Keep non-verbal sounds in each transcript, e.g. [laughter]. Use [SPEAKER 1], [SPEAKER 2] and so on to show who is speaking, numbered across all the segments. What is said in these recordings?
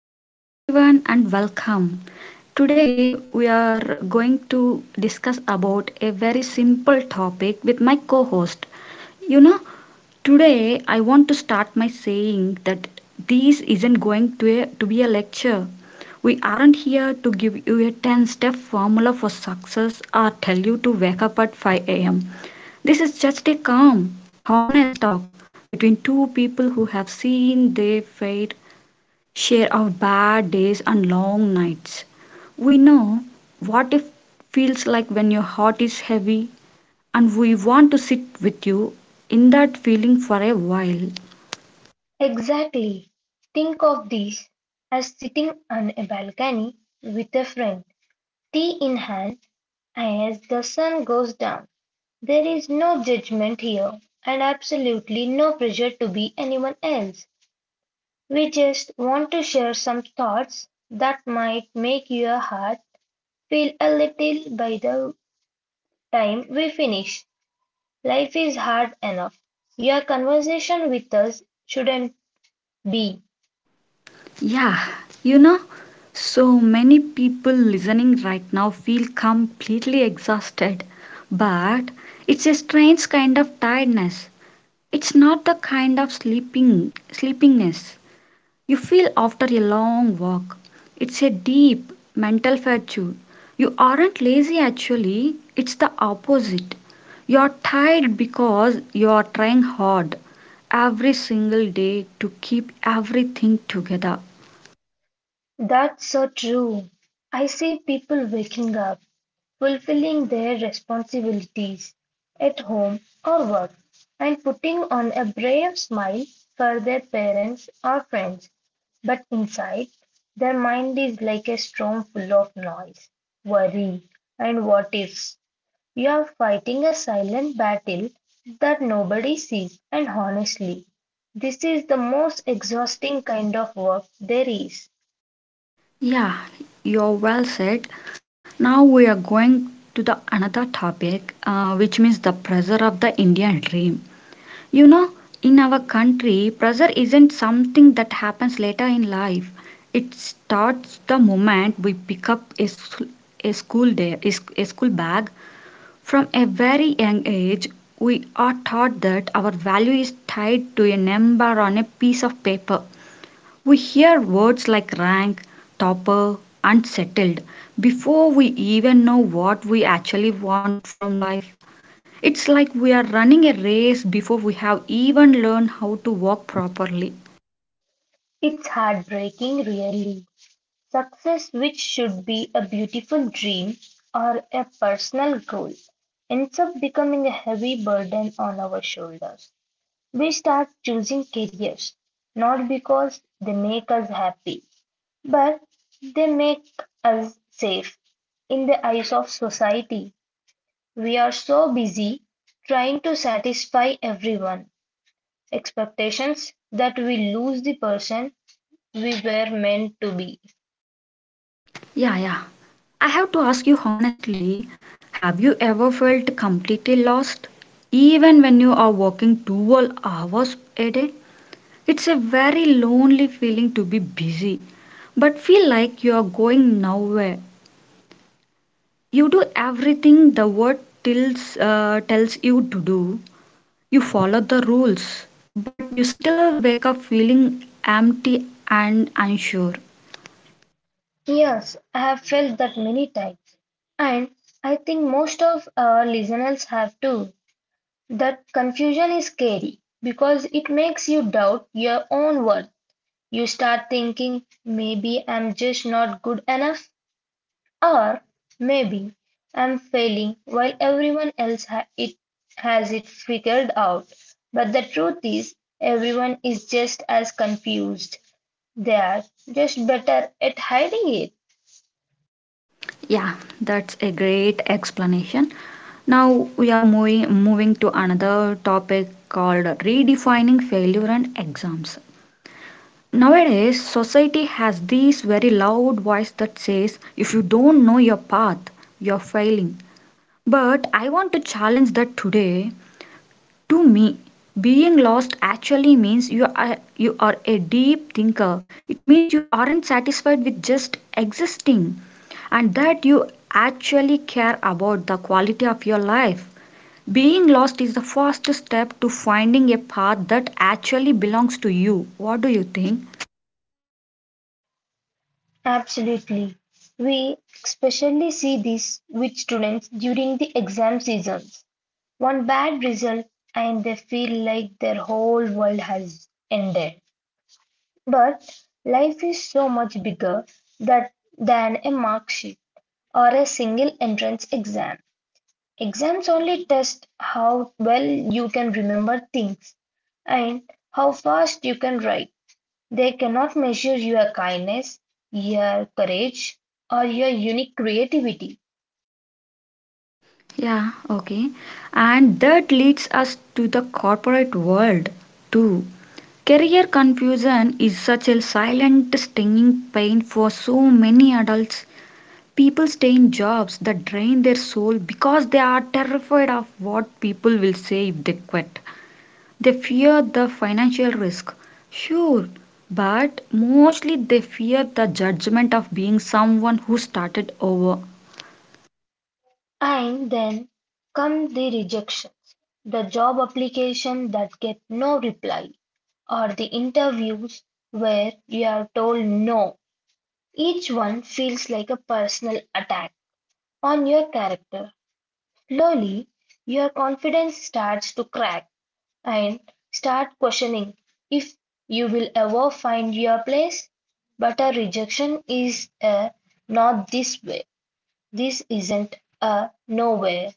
[SPEAKER 1] Hello everyone and welcome. Today we are going to discuss about a very simple topic with my co-host. You know, today I want to start my saying that this isn't going to be a lecture. We aren't here to give you a 10-step formula for success or tell you to wake up at 5 a.m. This is just a calm, honest talk between two people who have seen their fate share our bad days and long nights. We know what it feels like when your heart is heavy, and we want to sit with you in that feeling for a while.
[SPEAKER 2] Exactly, think of this as sitting on a balcony with a friend, tea in hand, as the sun goes down. There is no judgment here and absolutely no pressure to be anyone else. We just want to share some thoughts that might make your heart feel a little by the time we finish. Life is hard enough. Your conversation with us shouldn't be.
[SPEAKER 1] Yeah, you know, so many people listening right now feel completely exhausted, but it's a strange kind of tiredness. It's not the kind of sleeping sleepiness you feel after a long walk. It's a deep mental fatigue. You aren't lazy actually, it's the opposite. You are tired because you are trying hard every single day to keep everything together.
[SPEAKER 2] That's so true. I see people waking up, fulfilling their responsibilities at home or work, and putting on a brave smile for their parents or friends. But inside, their mind is like a storm full of noise, worry, and what ifs. You are fighting a silent battle that nobody sees, and honestly, this is the most exhausting kind of work there is.
[SPEAKER 1] Yeah, you're well said. Now we are going to the another topic, which means the pressure of the Indian dream. You know, in our country, pressure isn't something that happens later in life. It starts the moment we pick up a school day, a school bag. From a very young age, we are taught that our value is tied to a number on a piece of paper. We hear words like rank, topper, unsettled before we even know what we actually want from life. It's like we are running a race before we have even learned how to walk properly.
[SPEAKER 2] It's heartbreaking, really. Success, which should be a beautiful dream or a personal goal, ends up becoming a heavy burden on our shoulders. We start choosing careers not because they make us happy, but they make us safe. In the eyes of society, we are so busy trying to satisfy everyone expectations that we lose the person we were meant to be.
[SPEAKER 1] Yeah, yeah. I have to ask you honestly, have you ever felt completely lost? Even when you are walking 12 hours a day? It's a very lonely feeling to be busy, but feel like you are going nowhere. You do everything the world tells you to do. You follow the rules, but you still wake up feeling empty and unsure.
[SPEAKER 2] Yes, I have felt that many times, and I think most of our listeners have too. That confusion is scary because it makes you doubt your own worth. You start thinking, maybe I'm just not good enough, or maybe I'm failing while everyone else it has it figured out. But the truth is, everyone is just as confused. They are just better at hiding it.
[SPEAKER 1] Yeah, that's a great explanation. Now we are moving to another topic called redefining failure and exams. Nowadays, society has this very loud voice that says if you don't know your path, you're failing. But I want to challenge that today. To me, being lost actually means you are a deep thinker. It means you aren't satisfied with just existing and that you actually care about the quality of your life. Being lost is the first step to finding a path that actually belongs to you. What do you think?
[SPEAKER 2] Absolutely. We especially see this with students during the exam seasons. One bad result and they feel like their whole world has ended. But life is so much bigger that, than a mark sheet or a single entrance exam. Exams only test how well you can remember things and how fast you can write. They cannot measure your kindness, your courage, or your unique creativity.
[SPEAKER 1] Yeah, okay. And that leads us to the corporate world too. Career confusion is such a silent, stinging pain for so many adults. People stay in jobs that drain their soul because they are terrified of what people will say if they quit. They fear the financial risk, sure, but mostly they fear the judgment of being someone who started over.
[SPEAKER 2] And then come the rejections, the job application that get no reply, or the interviews where you are told no. Each one feels like a personal attack on your character. Slowly, your confidence starts to crack, and start questioning if you will ever find your place. But a rejection is a not this way. This isn't a nowhere.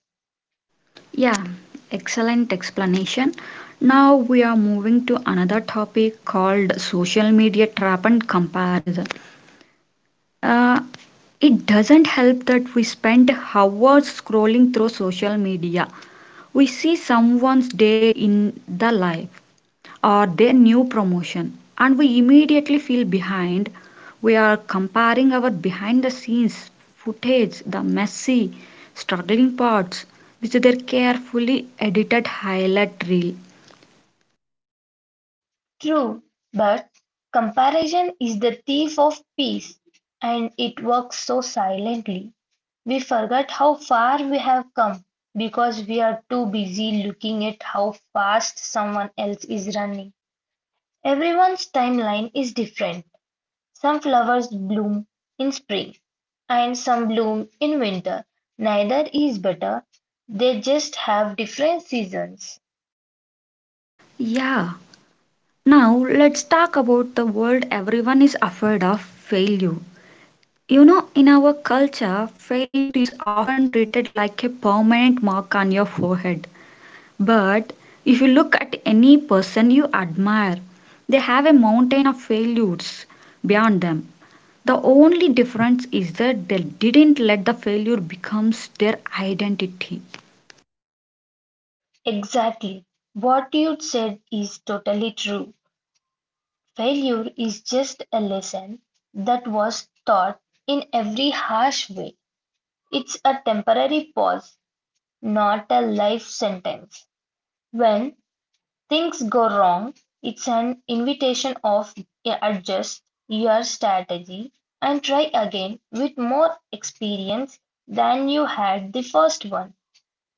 [SPEAKER 1] Yeah, excellent explanation. Now we are moving to another topic called social media trap and comparison. Uh, it doesn't help that we spend hours scrolling through social media. We see someone's day in the life or their new promotion, and we immediately feel behind. We are comparing our behind the scenes footage, the messy, struggling parts, with their carefully edited highlight reel.
[SPEAKER 2] True, but comparison is the thief of peace and it works so silently. We forget how far we have come because we are too busy looking at how fast someone else is running. Everyone's timeline is different. Some flowers bloom in spring and some bloom in winter. Neither is better. They just have different seasons.
[SPEAKER 1] Yeah. Now let's talk about the world everyone is afraid of failure. You know, in our culture, failure is often treated like a permanent mark on your forehead. But if you look at any person you admire, they have a mountain of failures beyond them. The only difference is that they didn't let the failure becomes their identity.
[SPEAKER 2] Exactly. What you said is totally true. Failure is just a lesson that was taught in every harsh way. It's a temporary pause, not a life sentence. When things go wrong, it's an invitation of adjust your strategy and try again with more experience than you had the first one.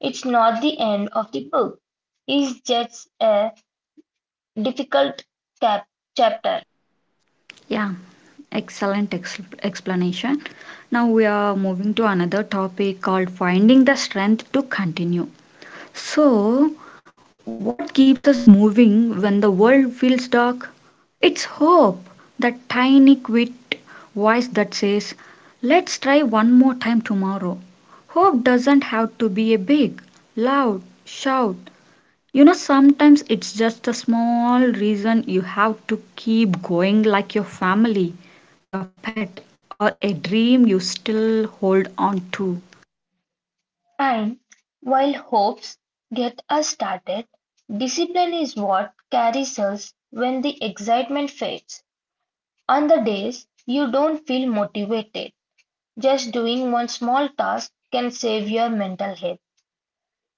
[SPEAKER 2] It's not the end of the book. It's just a difficult cap- chapter.
[SPEAKER 1] Yeah, excellent explanation. Now we are moving to another topic called finding the strength to continue. So, what keeps us moving when the world feels dark? It's hope, that tiny, quiet voice that says, let's try one more time tomorrow. Hope doesn't have to be a big, loud shout. You know, sometimes it's just a small reason you have to keep going, like your family, your pet, or a dream you still hold on to.
[SPEAKER 2] And while hopes get us started, discipline is what carries us when the excitement fades. On the days you don't feel motivated, just doing one small task can save your mental health.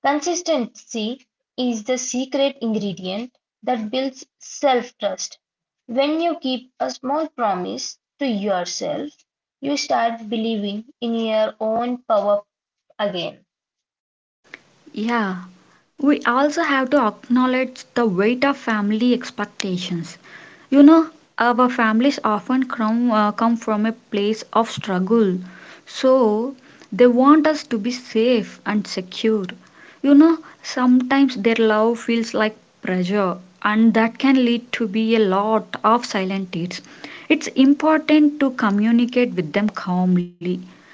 [SPEAKER 2] Consistency is the secret ingredient that builds self trust. When you keep a small promise to yourself, you start believing in your own power again.
[SPEAKER 1] Yeah, we also have to acknowledge the weight of family expectations. You know, our families often come from a place of struggle, so they want us to be safe and secure. You know, sometimes their love feels like pressure, and that can lead to be a lot of silent tears. It's important to communicate with them calmly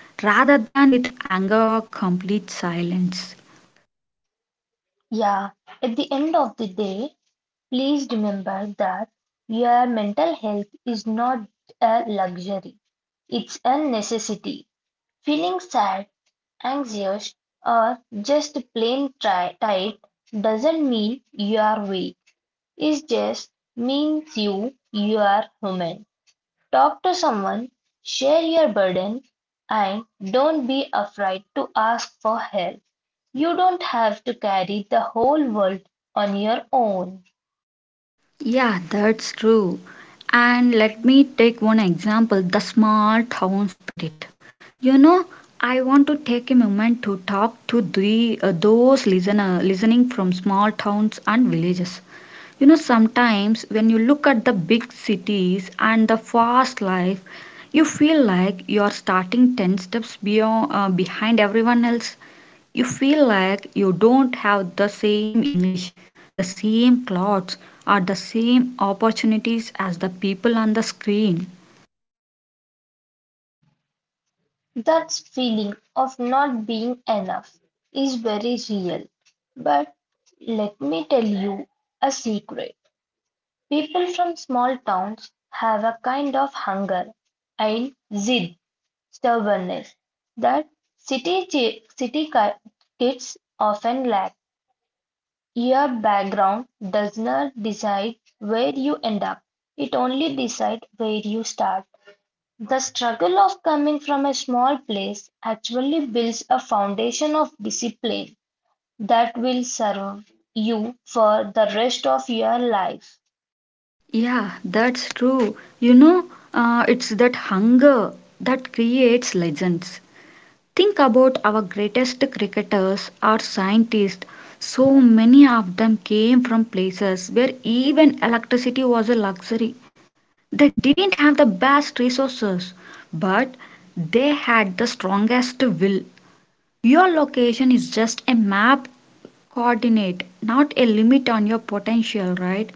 [SPEAKER 1] rather than with anger or complete silence.
[SPEAKER 2] Yeah, at the end of the day, please remember that your mental health is not a luxury, it's a necessity. Feeling sad, anxious, or just plain tired doesn't mean you're weak. It just means you are human. Talk to someone, share your burden, and don't be afraid to ask for help. You don't have to carry the whole world on your own.
[SPEAKER 1] Yeah, that's true. And let me take one example, the small town spirit. You know, I want to take a moment to talk to those listening from small towns and villages. You know, sometimes when you look at the big cities and the fast life, you feel like you're starting 10 steps behind everyone else. You feel like you don't have the same English, the same clothes, or the same opportunities as the people on the screen.
[SPEAKER 2] That feeling of not being enough is very real. But let me tell you a secret. People from small towns have a kind of hunger and zid stubbornness that city kids often lack. Your background does not decide where you end up. It only decides where you start. The struggle of coming from a small place actually builds a foundation of discipline that will serve you for the rest of your life.
[SPEAKER 1] Yeah, that's true. You know, it's that hunger that creates legends. Think about our greatest cricketers or scientists. So many of them came from places where even electricity was a luxury. They didn't have the best resources, but they had the strongest will. Your location is just a map coordinate, not a limit on your potential, right?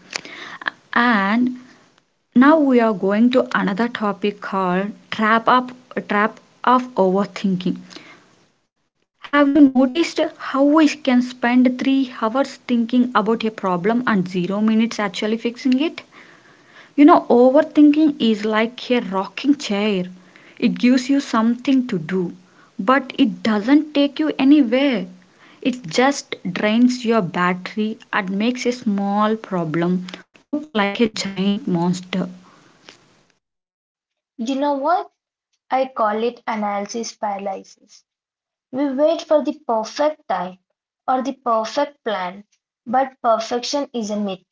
[SPEAKER 1] And now we are going to another topic called trap of overthinking. Have you noticed how we can spend 3 hours thinking about a problem and 0 minutes actually fixing it? You know, overthinking is like a rocking chair. It gives you something to do, but it doesn't take you anywhere. It just drains your battery and makes a small problem look like a giant monster.
[SPEAKER 2] You know what? I call it analysis paralysis. We wait for the perfect time or the perfect plan, but perfection is a myth.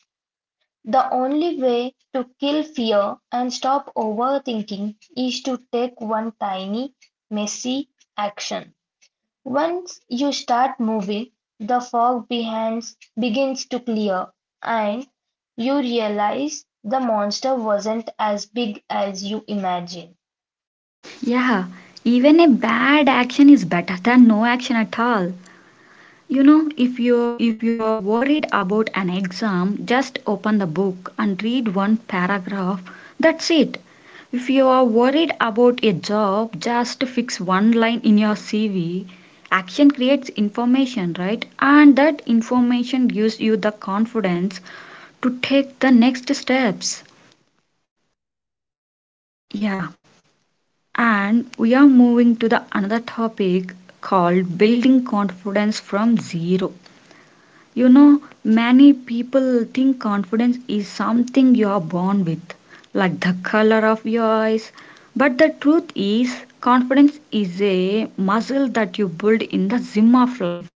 [SPEAKER 2] The only way to kill fear and stop overthinking is to take one tiny, messy action. Once you start moving, the fog behind begins to clear and you realize the monster wasn't as big as you imagined.
[SPEAKER 1] Yeah, even a bad action is better than no action at all. You know, if you're worried about an exam, just open the book and read one paragraph. That's it. If you are worried about a job, just fix one line in your CV. Action creates information, right? And that information gives you the confidence to take the next steps. Yeah. And we are moving to the another topic called building confidence from zero. You know, many people think confidence is something you are born with, like the color of your eyes. But the truth is, confidence is a muscle that you build in the gym of life.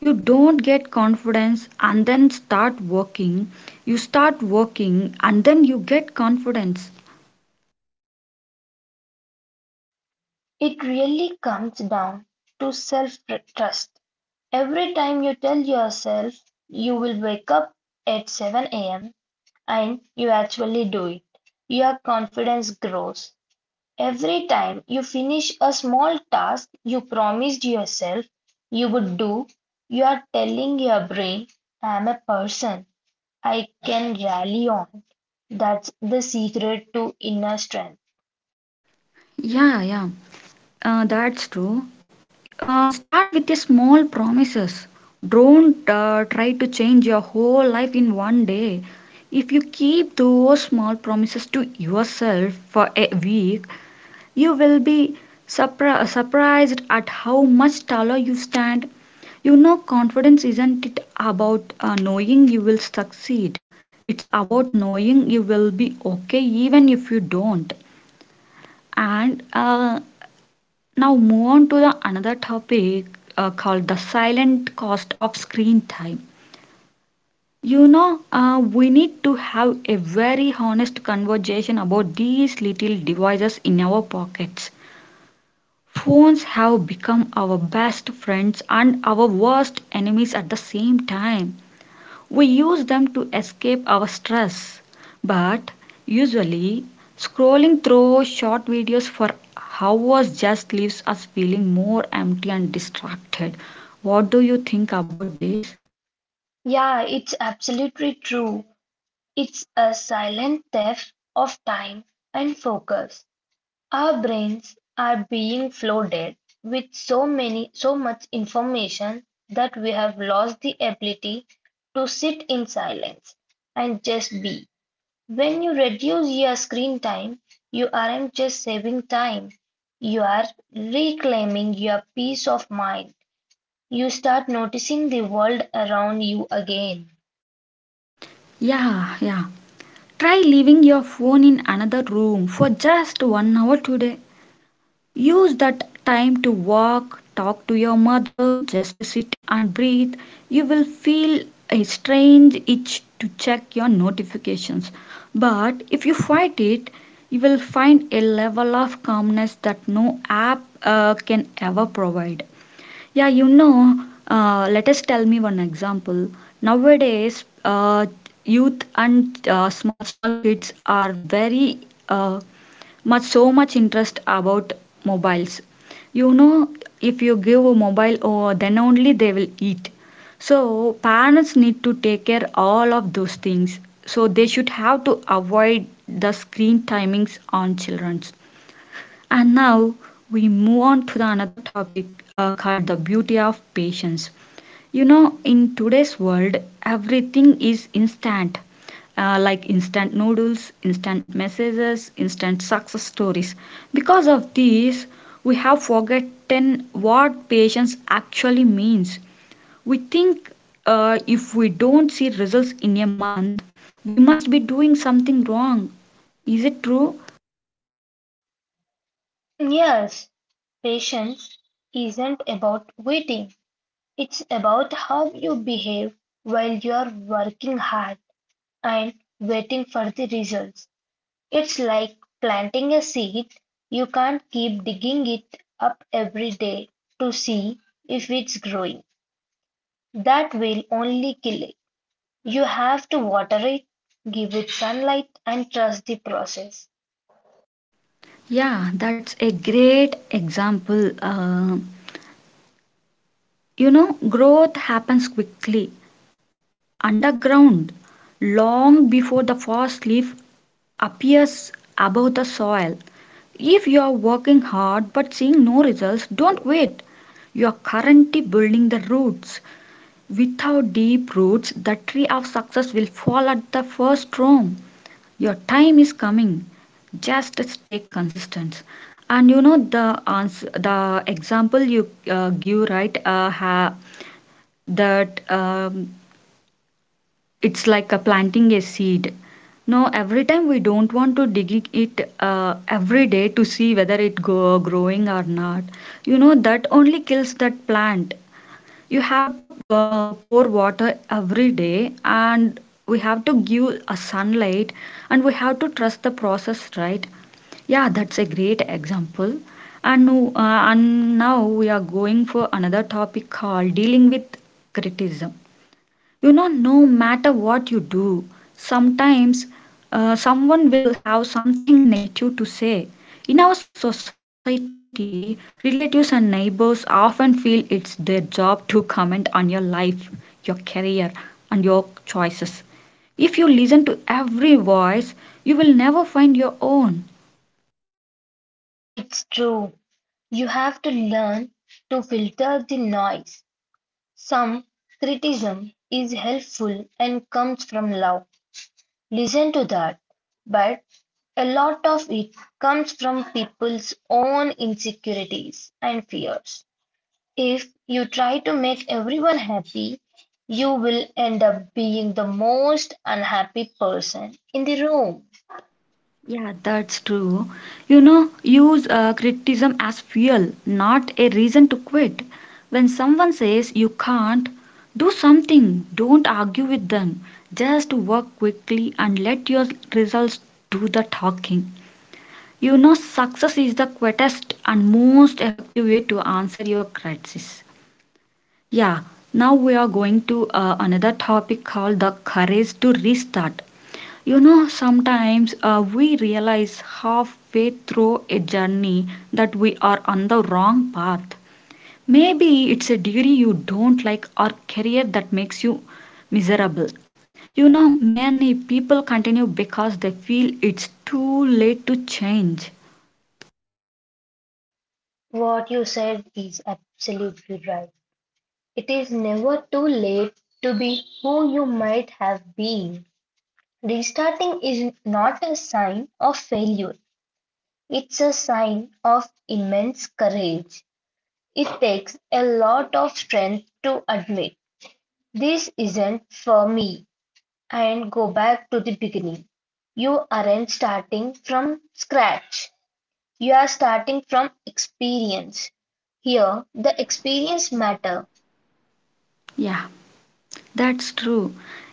[SPEAKER 1] You don't get confidence and then start working. You start working and then you get confidence.
[SPEAKER 2] It really comes down to self trust. Every time you tell yourself you will wake up at 7 a.m. and you actually do it, your confidence grows. Every time you finish a small task you promised yourself you would do, you are telling your brain, I am a person I can rally on. That's the secret to inner strength.
[SPEAKER 1] Yeah, yeah, that's true. Start with your small promises. Don't try to change your whole life in one day. If you keep those small promises to yourself for a week, you will be surprised at how much taller you stand. You know, confidence isn't it about knowing you will succeed. It's about knowing you will be okay even if you don't. And now move on to the another topic called the silent cost of screen time. You know, we need to have a very honest conversation about these little devices in our pockets. Phones have become our best friends and our worst enemies at the same time. We use them to escape our stress, but usually scrolling through short videos for hours just leaves us feeling more empty and distracted. What do you think about this?
[SPEAKER 2] Yeah, it's absolutely true. It's a silent theft of time and focus. Our brains are being flooded with so much information that we have lost the ability to sit in silence and just be. When you reduce your screen time, you aren't just saving time, you are reclaiming your peace of mind. You start noticing the world around you again.
[SPEAKER 1] Yeah, yeah. Try leaving your phone in another room for just 1 hour today. Use that time to walk, talk to your mother, just sit and breathe. You will feel a strange itch to check your notifications. But if you fight it, you will find a level of calmness that no app can ever provide. Yeah, you know, let us tell me one example. Nowadays, youth and small kids are very uh, much so much interest about mobiles. You know, if you give a mobile, oh, then only they will eat. So parents need to take care all of those things, so they should have to avoid the screen timings on children's. And now we move on to the another topic called the beauty of patience. You know, in today's world, everything is instant, like instant noodles, instant messages, instant success stories. Because of this, we have forgotten what patience actually means. We think if we don't see results in a month, we must be doing something wrong. Is it true?
[SPEAKER 2] Yes, patience isn't about waiting. It's about how you behave while you're working hard and waiting for the results. It's like planting a seed. You can't keep digging it up every day to see if it's growing. That will only kill it. You have to water it, give it sunlight, and trust the process.
[SPEAKER 1] Yeah, that's a great example. You know, growth happens quickly underground long before the first leaf appears above the soil. If you are working hard but seeing no results, don't wait. You are currently building the roots. Without deep roots, the tree of success will fall at the first storm. Your time is coming. Just stay consistent. And you know the answer, the example you give, right? Uh, ha, that um, it's like a planting a seed. No, every time we don't want to dig it every day to see whether it go growing or not. You know that only kills that plant. You have to pour water every day, and we have to give a sunlight, and we have to trust the process, right? Yeah, that's a great example. And, no- uh, and now we are going for another topic called dealing with criticism. You know, no matter what you do, sometimes someone will have something negative to say. In our society, relatives and neighbors often feel it's their job to comment on your life, your career, and your choices. If you listen to every voice, you will never find your own.
[SPEAKER 2] It's true. You have to learn to filter the noise. Some criticism is helpful and comes from love, listen to that, but a lot of it comes from people's own insecurities and fears. If you try to make everyone happy, you will end up being the most unhappy person in the room.
[SPEAKER 1] Yeah, that's true. You know, use criticism as fuel, not a reason to quit. When someone says you can't do something, don't argue with them. Just work quickly and let your results do the talking. You know, success is the quickest and most effective way to answer your crisis. Yeah, now we are going to another topic called the courage to restart. You know, sometimes we realize halfway through a journey that we are on the wrong path. Maybe it's a degree you don't like or career that makes you miserable. You know, many people continue because they feel it's too late to change.
[SPEAKER 2] What you said is absolutely right. It is never too late to be who you might have been. Restarting is not a sign of failure, it's a sign of immense courage. It takes a lot of strength to admit this isn't for me and go back to the beginning. You aren't starting from scratch, you are starting from experience. Here, the experience matter.
[SPEAKER 1] Yeah. That's true.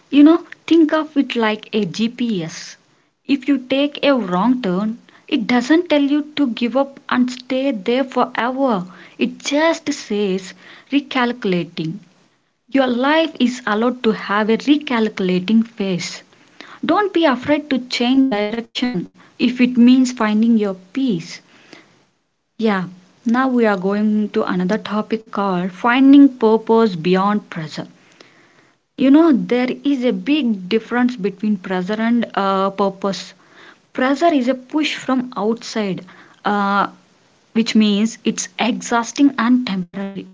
[SPEAKER 1] You know, think of it like a GPS. If you take a wrong turn, it doesn't tell you to give up and stay there forever. It just says recalculating. Your life is allowed to have a recalculating phase. Don't be afraid to change direction if it means finding your peace. Yeah, now we are going to another topic called finding purpose beyond pressure. You know, there is a big difference between pressure and purpose. Pressure is a push from outside, uh, which means it's exhausting and temporary.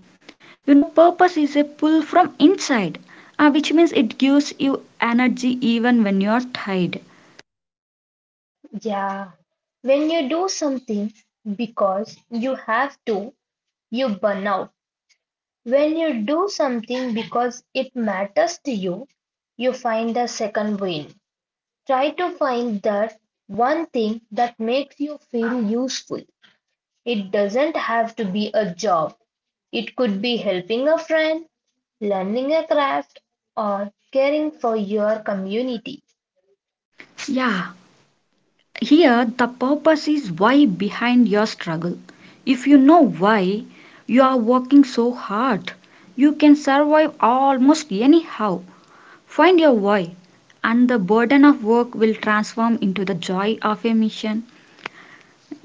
[SPEAKER 1] You know, purpose is a pull from inside, which means it gives you energy even when you're tired.
[SPEAKER 2] Yeah. When you do something because you have to, you burn out. When you do something because it matters to you, you find a second win. Try to find that one thing that makes you feel useful. It doesn't have to be a job, it could be helping a friend, learning a craft, or caring for your community.
[SPEAKER 1] Yeah, here the purpose is why behind your struggle. If you know why you are working so hard, you can survive almost anyhow. Find your why, and the burden of work will transform into the joy of a mission.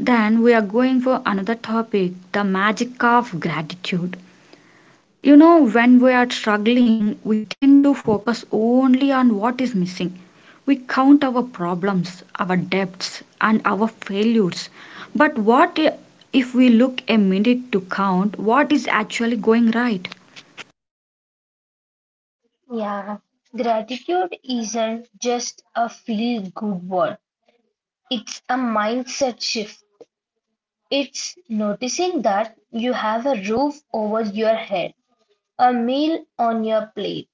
[SPEAKER 1] Then we are going for another topic: the magic of gratitude. You know, when we are struggling, we tend to focus only on what is missing. We count our problems, our debts, and our failures. But what if we look a minute to count what is actually going right?
[SPEAKER 2] Yeah, gratitude isn't just a feel good word, it's a mindset shift. It's noticing that you have a roof over your head, a meal on your plate,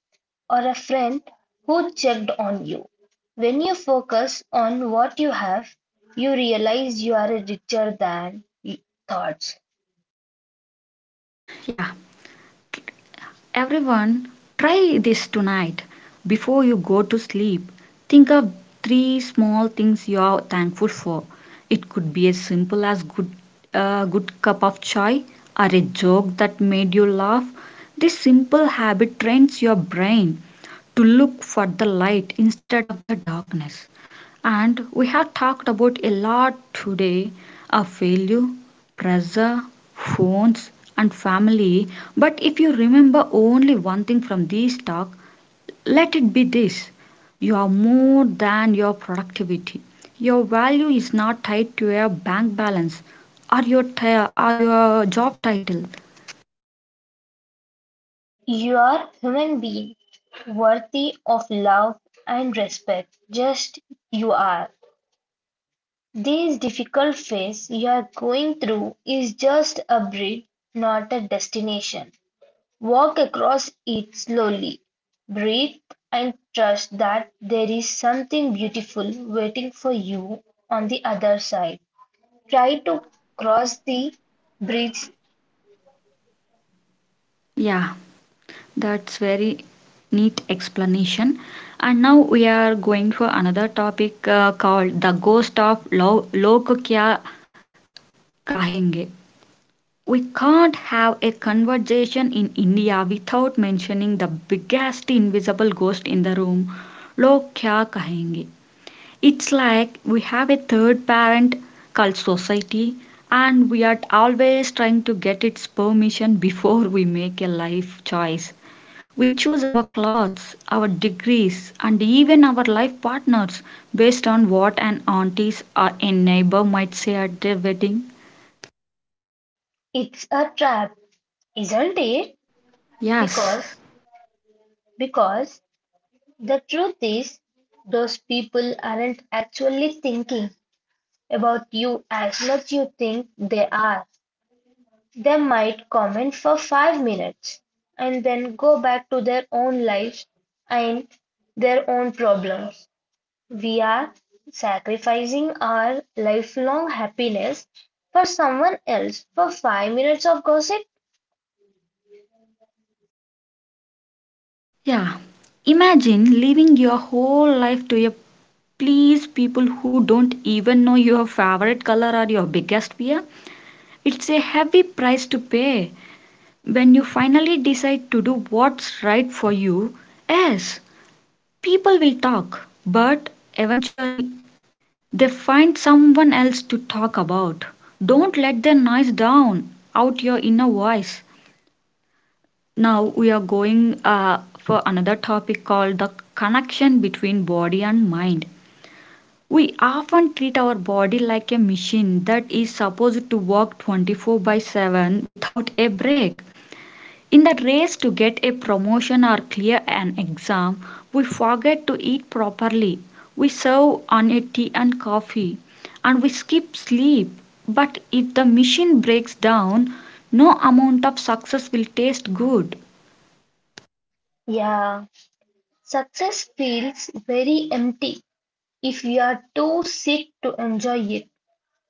[SPEAKER 2] or a friend who checked on you. When you focus on what you have, you realize you are richer than thoughts.
[SPEAKER 1] Yeah. Everyone, try this tonight. Before you go to sleep, think of three small things you are thankful for. It could be as simple as good a good cup of chai or a joke that made you laugh. This simple habit trains your brain to look for the light instead of the darkness. And we have talked about a lot today of failure, pressure, phones, and family. But if you remember only one thing from this talk, let it be this: you are more than your productivity. Your value is not tied to your bank balance or your job title.
[SPEAKER 2] You are a human being worthy of love and respect just you are. This difficult phase you are going through is just a bridge, not a destination. Walk across it slowly, breathe and trust that there is something beautiful waiting for you on the other side. Try to cross the bridge.
[SPEAKER 1] Yeah, that's very neat explanation. And now we are going for another topic called the ghost of love, Log Kya Kahenge. We can't have a conversation in India without mentioning the biggest invisible ghost in the room, Log Kya Kahenge. It's like we have a third parent called society, and we are always trying to get its permission before we make a life choice. We choose our clothes, our degrees, and even our life partners based on what an auntie or a neighbor might say at their wedding.
[SPEAKER 2] It's a trap, isn't it?
[SPEAKER 1] Yes.
[SPEAKER 2] Because because the truth is those people aren't actually thinking about you as much you think they are. They might comment for 5 minutes and then go back to their own lives and their own problems. We are sacrificing our lifelong happiness for someone else for 5 minutes of gossip?
[SPEAKER 1] Yeah. Imagine living your whole life to a please people who don't even know your favorite color or your biggest fear. It's a heavy price to pay. When you finally decide to do what's right for you, yes, people will talk, but eventually they find someone else to talk about. Don't let their noise down out your inner voice. Now we are going for another topic called the connection between body and mind. We often treat our body like a machine that is supposed to work 24 by 7 without a break. In the race to get a promotion or clear an exam, we forget to eat properly. We serve on a tea and coffee, and we skip sleep. But if the machine breaks down, no amount of success will taste good.
[SPEAKER 2] Yeah. Success feels very empty if we are too sick to enjoy it.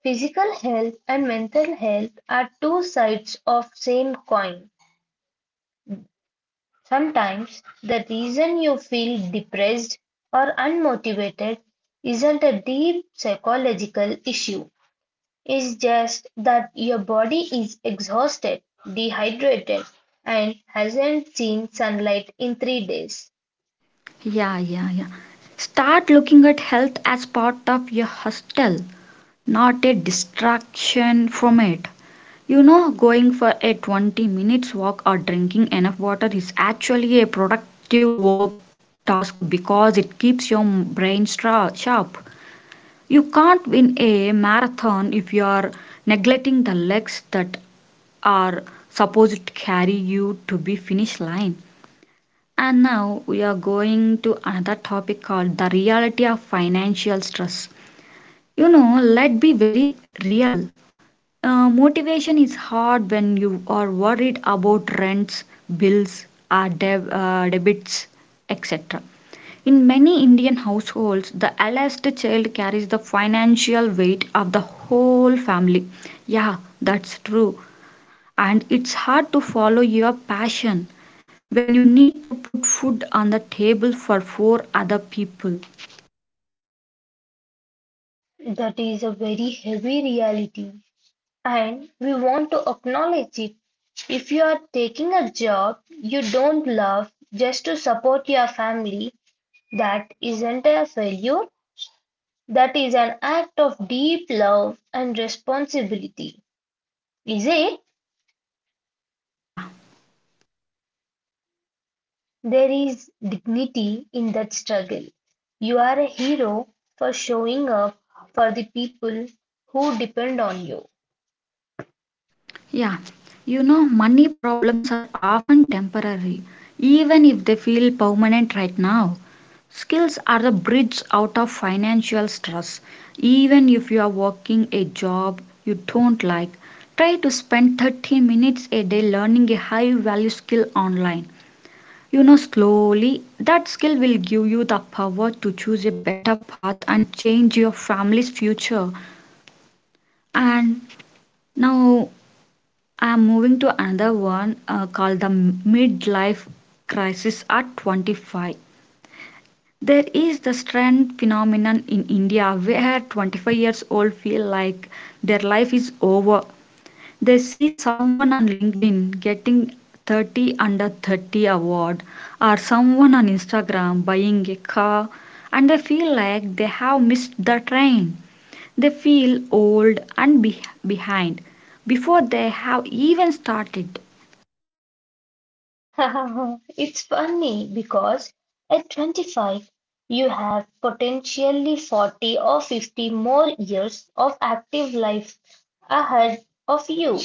[SPEAKER 2] Physical health and mental health are two sides of same coin. Sometimes the reason you feel depressed or unmotivated isn't a deep psychological issue. It's just that your body is exhausted, dehydrated, and hasn't seen sunlight in 3 days.
[SPEAKER 1] Yeah, yeah, yeah. Start looking at health as part of your hostel, not a distraction from it. You know, going for a 20 minutes walk or drinking enough water is actually a productive work task because it keeps your brain sharp. You can't win a marathon if you are neglecting the legs that are supposed to carry you to the finish line. And now we are going to another topic called the reality of financial stress. You know, let's be very real. Motivation is hard when you are worried about rents, bills, or debits, etc. In many Indian households, the eldest child carries the financial weight of the whole family. Yeah, that's true. And it's hard to follow your passion when you need to put food on the table for four other people.
[SPEAKER 2] That is a very heavy reality, and we want to acknowledge it. If you are taking a job you don't love just to support your family, that isn't a failure. That is an act of deep love and responsibility, is it?
[SPEAKER 1] Yeah,
[SPEAKER 2] There is dignity in that struggle. You are a hero for showing up for the people who depend on you.
[SPEAKER 1] yeah. You know, money problems are often temporary, even if they feel permanent right now. Skills are the bridge out of financial stress. Even if you are working a job you don't like, try to spend 30 minutes a day learning a high value skill online. You know, slowly that skill will give you the power to choose a better path and change your family's future. And now I'm moving to another one called the midlife crisis at 25. There is the strand phenomenon in India where 25 years old feel like their life is over. They see someone on LinkedIn getting 30 under 30 award, or someone on Instagram buying a car, and they feel like they have missed the train. They feel old and behind before they have even started.
[SPEAKER 2] [laughs] It's funny because at 25, you have potentially 40 or 50 more years of active life ahead of you.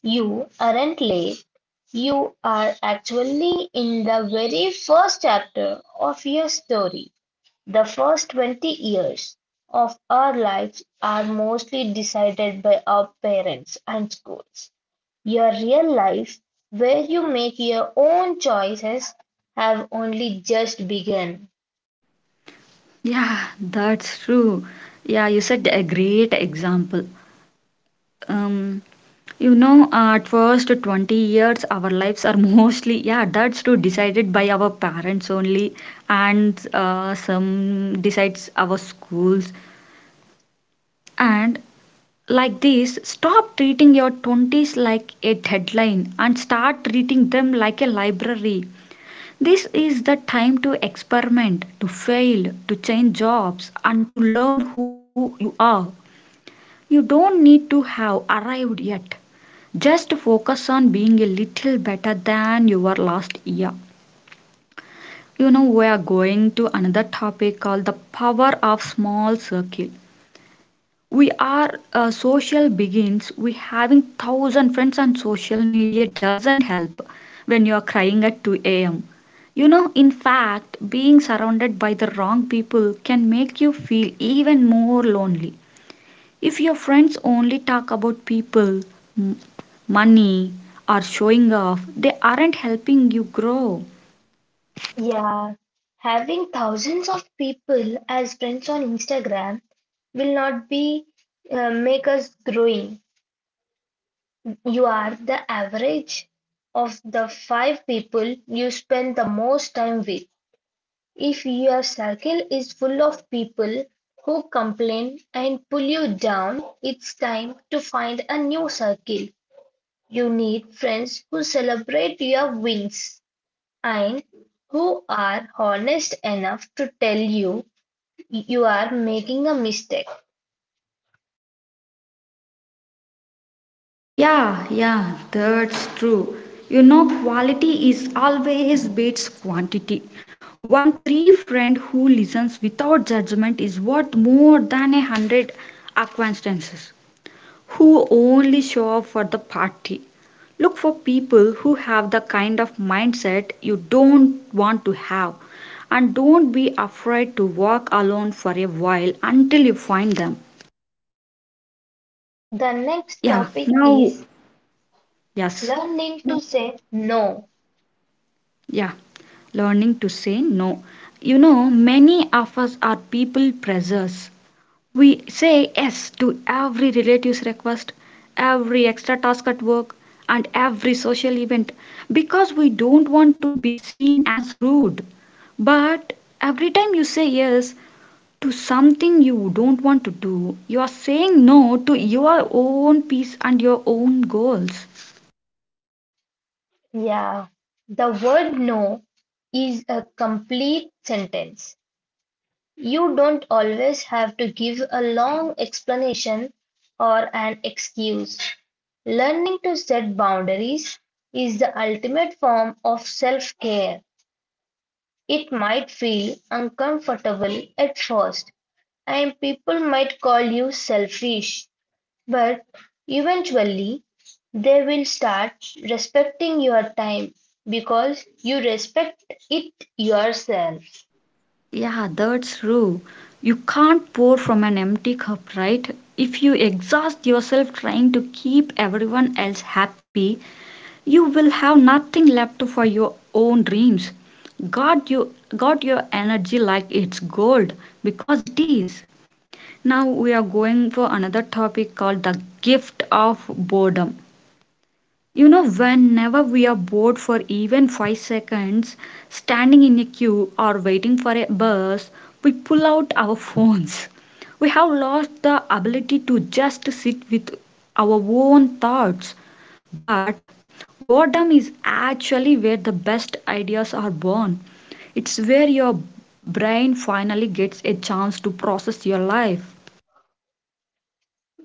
[SPEAKER 2] You aren't late. You are actually in the very first chapter of your story. The first 20 years of our lives are mostly decided by our parents and schools. Your real life, where you make your own choices, have only just begun.
[SPEAKER 1] Yeah, that's true. Yeah, you said a great example. Um you know, at first 20 years our lives are [laughs] mostly, yeah that's true, decided by our parents only. And some decides our schools. And like this, stop treating your 20s like a deadline and start treating them like a library. This is the time to experiment, to fail, to change jobs, and to learn who you are. You don't need to have arrived yet. Just focus on being a little better than you were last year. You know, we are going to another topic called the power of small circle. We are social beings. We having 1,000 friends on social media doesn't help when you are crying at 2 a.m. You know, in fact, being surrounded by the wrong people can make you feel even more lonely. If your friends only talk about people, money, or showing off, they aren't helping you grow.
[SPEAKER 2] Yeah, having thousands of people as friends on Instagram will not be make us growing. You are the average of the five people you spend the most time with. If your circle is full of people who complain and pull you down, it's time to find a new circle. You need friends who celebrate your wins and who are honest enough to tell you you are making a mistake.
[SPEAKER 1] Yeah, yeah, that's true. You know, quality is always beats quantity. One three friend who listens without judgment is worth more than a 100 acquaintances who only show up for the party. Look for people who have the kind of mindset you don't want to have, and don't be afraid to walk alone for a while until you find them.
[SPEAKER 2] The next
[SPEAKER 1] Yeah,
[SPEAKER 2] topic
[SPEAKER 1] now,
[SPEAKER 2] is
[SPEAKER 1] yes,
[SPEAKER 2] learning to say no.
[SPEAKER 1] yeah, learning to say no. You know, many of us are people pleasers. We say yes to every relative's request, every extra task at work, and every social event because we don't want to be seen as rude. But every time you say yes to something you don't want to do, you are saying no to your own peace and your own goals.
[SPEAKER 2] Yeah, the word no is a complete sentence. You don't always have to give a long explanation or an excuse. Learning to set boundaries is the ultimate form of self care. It might feel uncomfortable at first, and people might call you selfish, but eventually they will start respecting your time because you respect it yourself.
[SPEAKER 1] Yeah, that's true. You can't pour from an empty cup, right? If you exhaust yourself trying to keep everyone else happy, you will have nothing left for your own dreams. Guard your energy like it's gold because it is. Now we are going for another topic called the gift of boredom. You know, whenever we are bored for even 5 seconds, standing in a queue or waiting for a bus, we pull out our [laughs] phones. We have lost the ability to just sit with our own thoughts. But boredom is actually where the best ideas are born. It's where your brain finally gets a chance to process your life.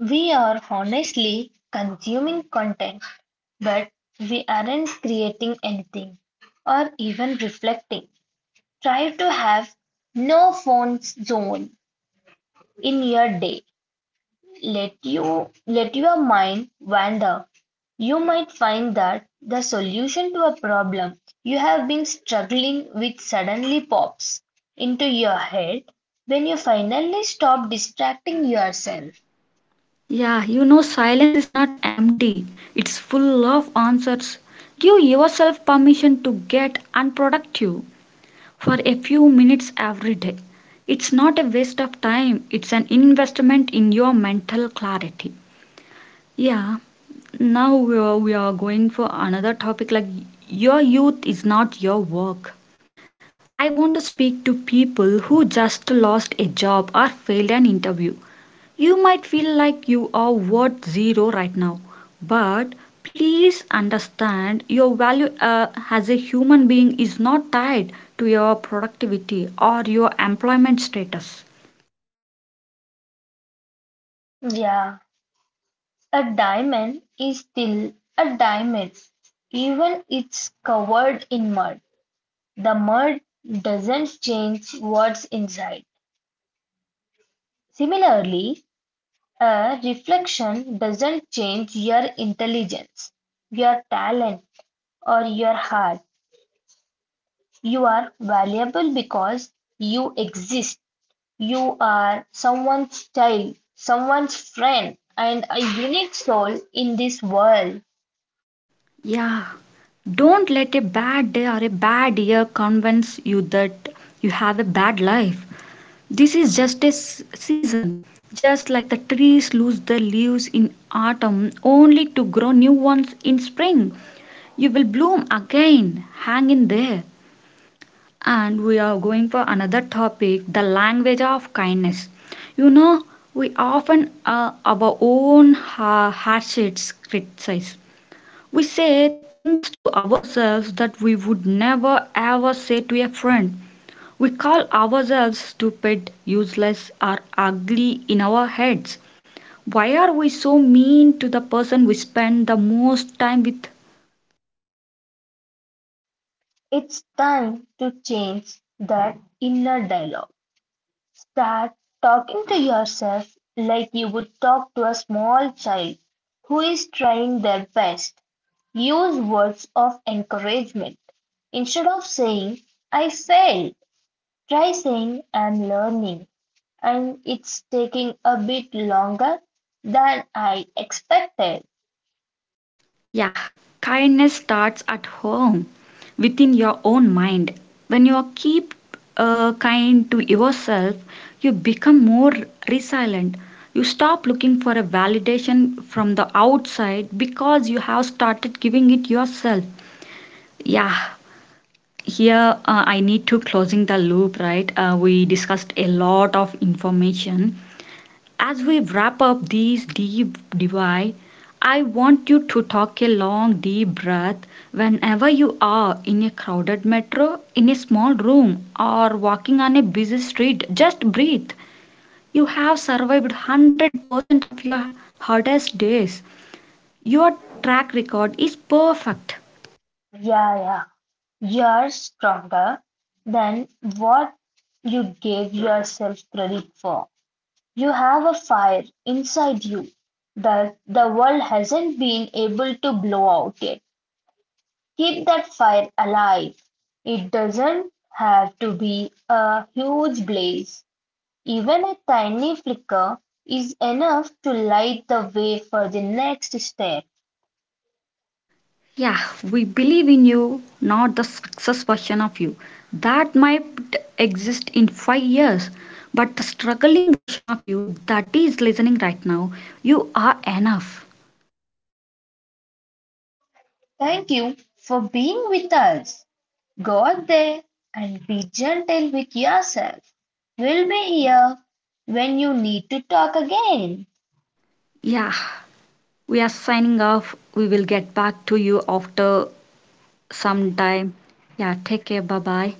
[SPEAKER 2] We are honestly consuming content, but we aren't creating anything or even reflecting. Try to have no phones zone in your day. Let your mind wander. You might find that the solution to a problem you have been struggling with suddenly pops into your head when you finally stop distracting yourself.
[SPEAKER 1] Yeah, you know, silence is not empty, it's full of answers. Give yourself permission to get unproductive for a few minutes every day. It's not a waste of time, it's an investment in your mental clarity. Yeah, now we are going for another topic like your youth is not your work. I want to speak to people who just lost a job or failed an interview. You might feel like you are worth zero right now, but please understand your value as a human being is not tied to your productivity or your employment status.
[SPEAKER 2] Yeah, a diamond is still a diamond even it's covered in mud. The mud doesn't change what's inside. Similarly, a reflection doesn't change your intelligence, your talent, or your heart. You are valuable because you exist. You are someone's child, someone's friend, and a unique soul in this world.
[SPEAKER 1] Yeah, don't let a bad day or a bad year convince you that you have a bad life. This is just a season. Just like the trees lose their leaves in autumn only to grow new ones in spring, you will bloom again. Hang in there. And we are going for another topic: the language of kindness. You know, we often our own hardships criticize. We say things to ourselves that we would never ever say to a friend. We call ourselves stupid, useless, or ugly in our heads. Why are we so mean to the person we spend the most time with?
[SPEAKER 2] It's time to change that inner dialogue. Start talking to yourself like you would talk to a small child who is trying their best. Use words of encouragement. Instead of saying, I failed, try saying, I'm learning and it's taking a bit longer than I expected.
[SPEAKER 1] Yeah, kindness starts at home, within your own mind. When you keep kind to yourself, you become more resilient. You stop looking for a validation from the outside because you have started giving it yourself. Yeah, here I need to closing the loop, right? We discussed a lot of information. As we wrap up this deep divide, I want you to take a long, deep breath whenever you are in a crowded metro, in a small room, or walking on a busy street. Just breathe. You have survived 100% of your hardest days. Your track record is perfect.
[SPEAKER 2] Yeah, yeah, you're stronger than what you gave yourself credit for. You have a fire inside you that the world hasn't been able to blow out yet. Keep that fire alive. It doesn't have to be a huge blaze. Even a tiny flicker is enough to light the way for the next step.
[SPEAKER 1] Yeah, we believe in you, not the success version of you. That might exist in 5 years, but the struggling version of you that is listening right now, you are enough.
[SPEAKER 2] Thank you for being with us. Go out there and be gentle with yourself. We'll be here when you need to talk again.
[SPEAKER 1] Yeah, we are signing off. We will get back to you after some time. Yeah, take care. Bye bye.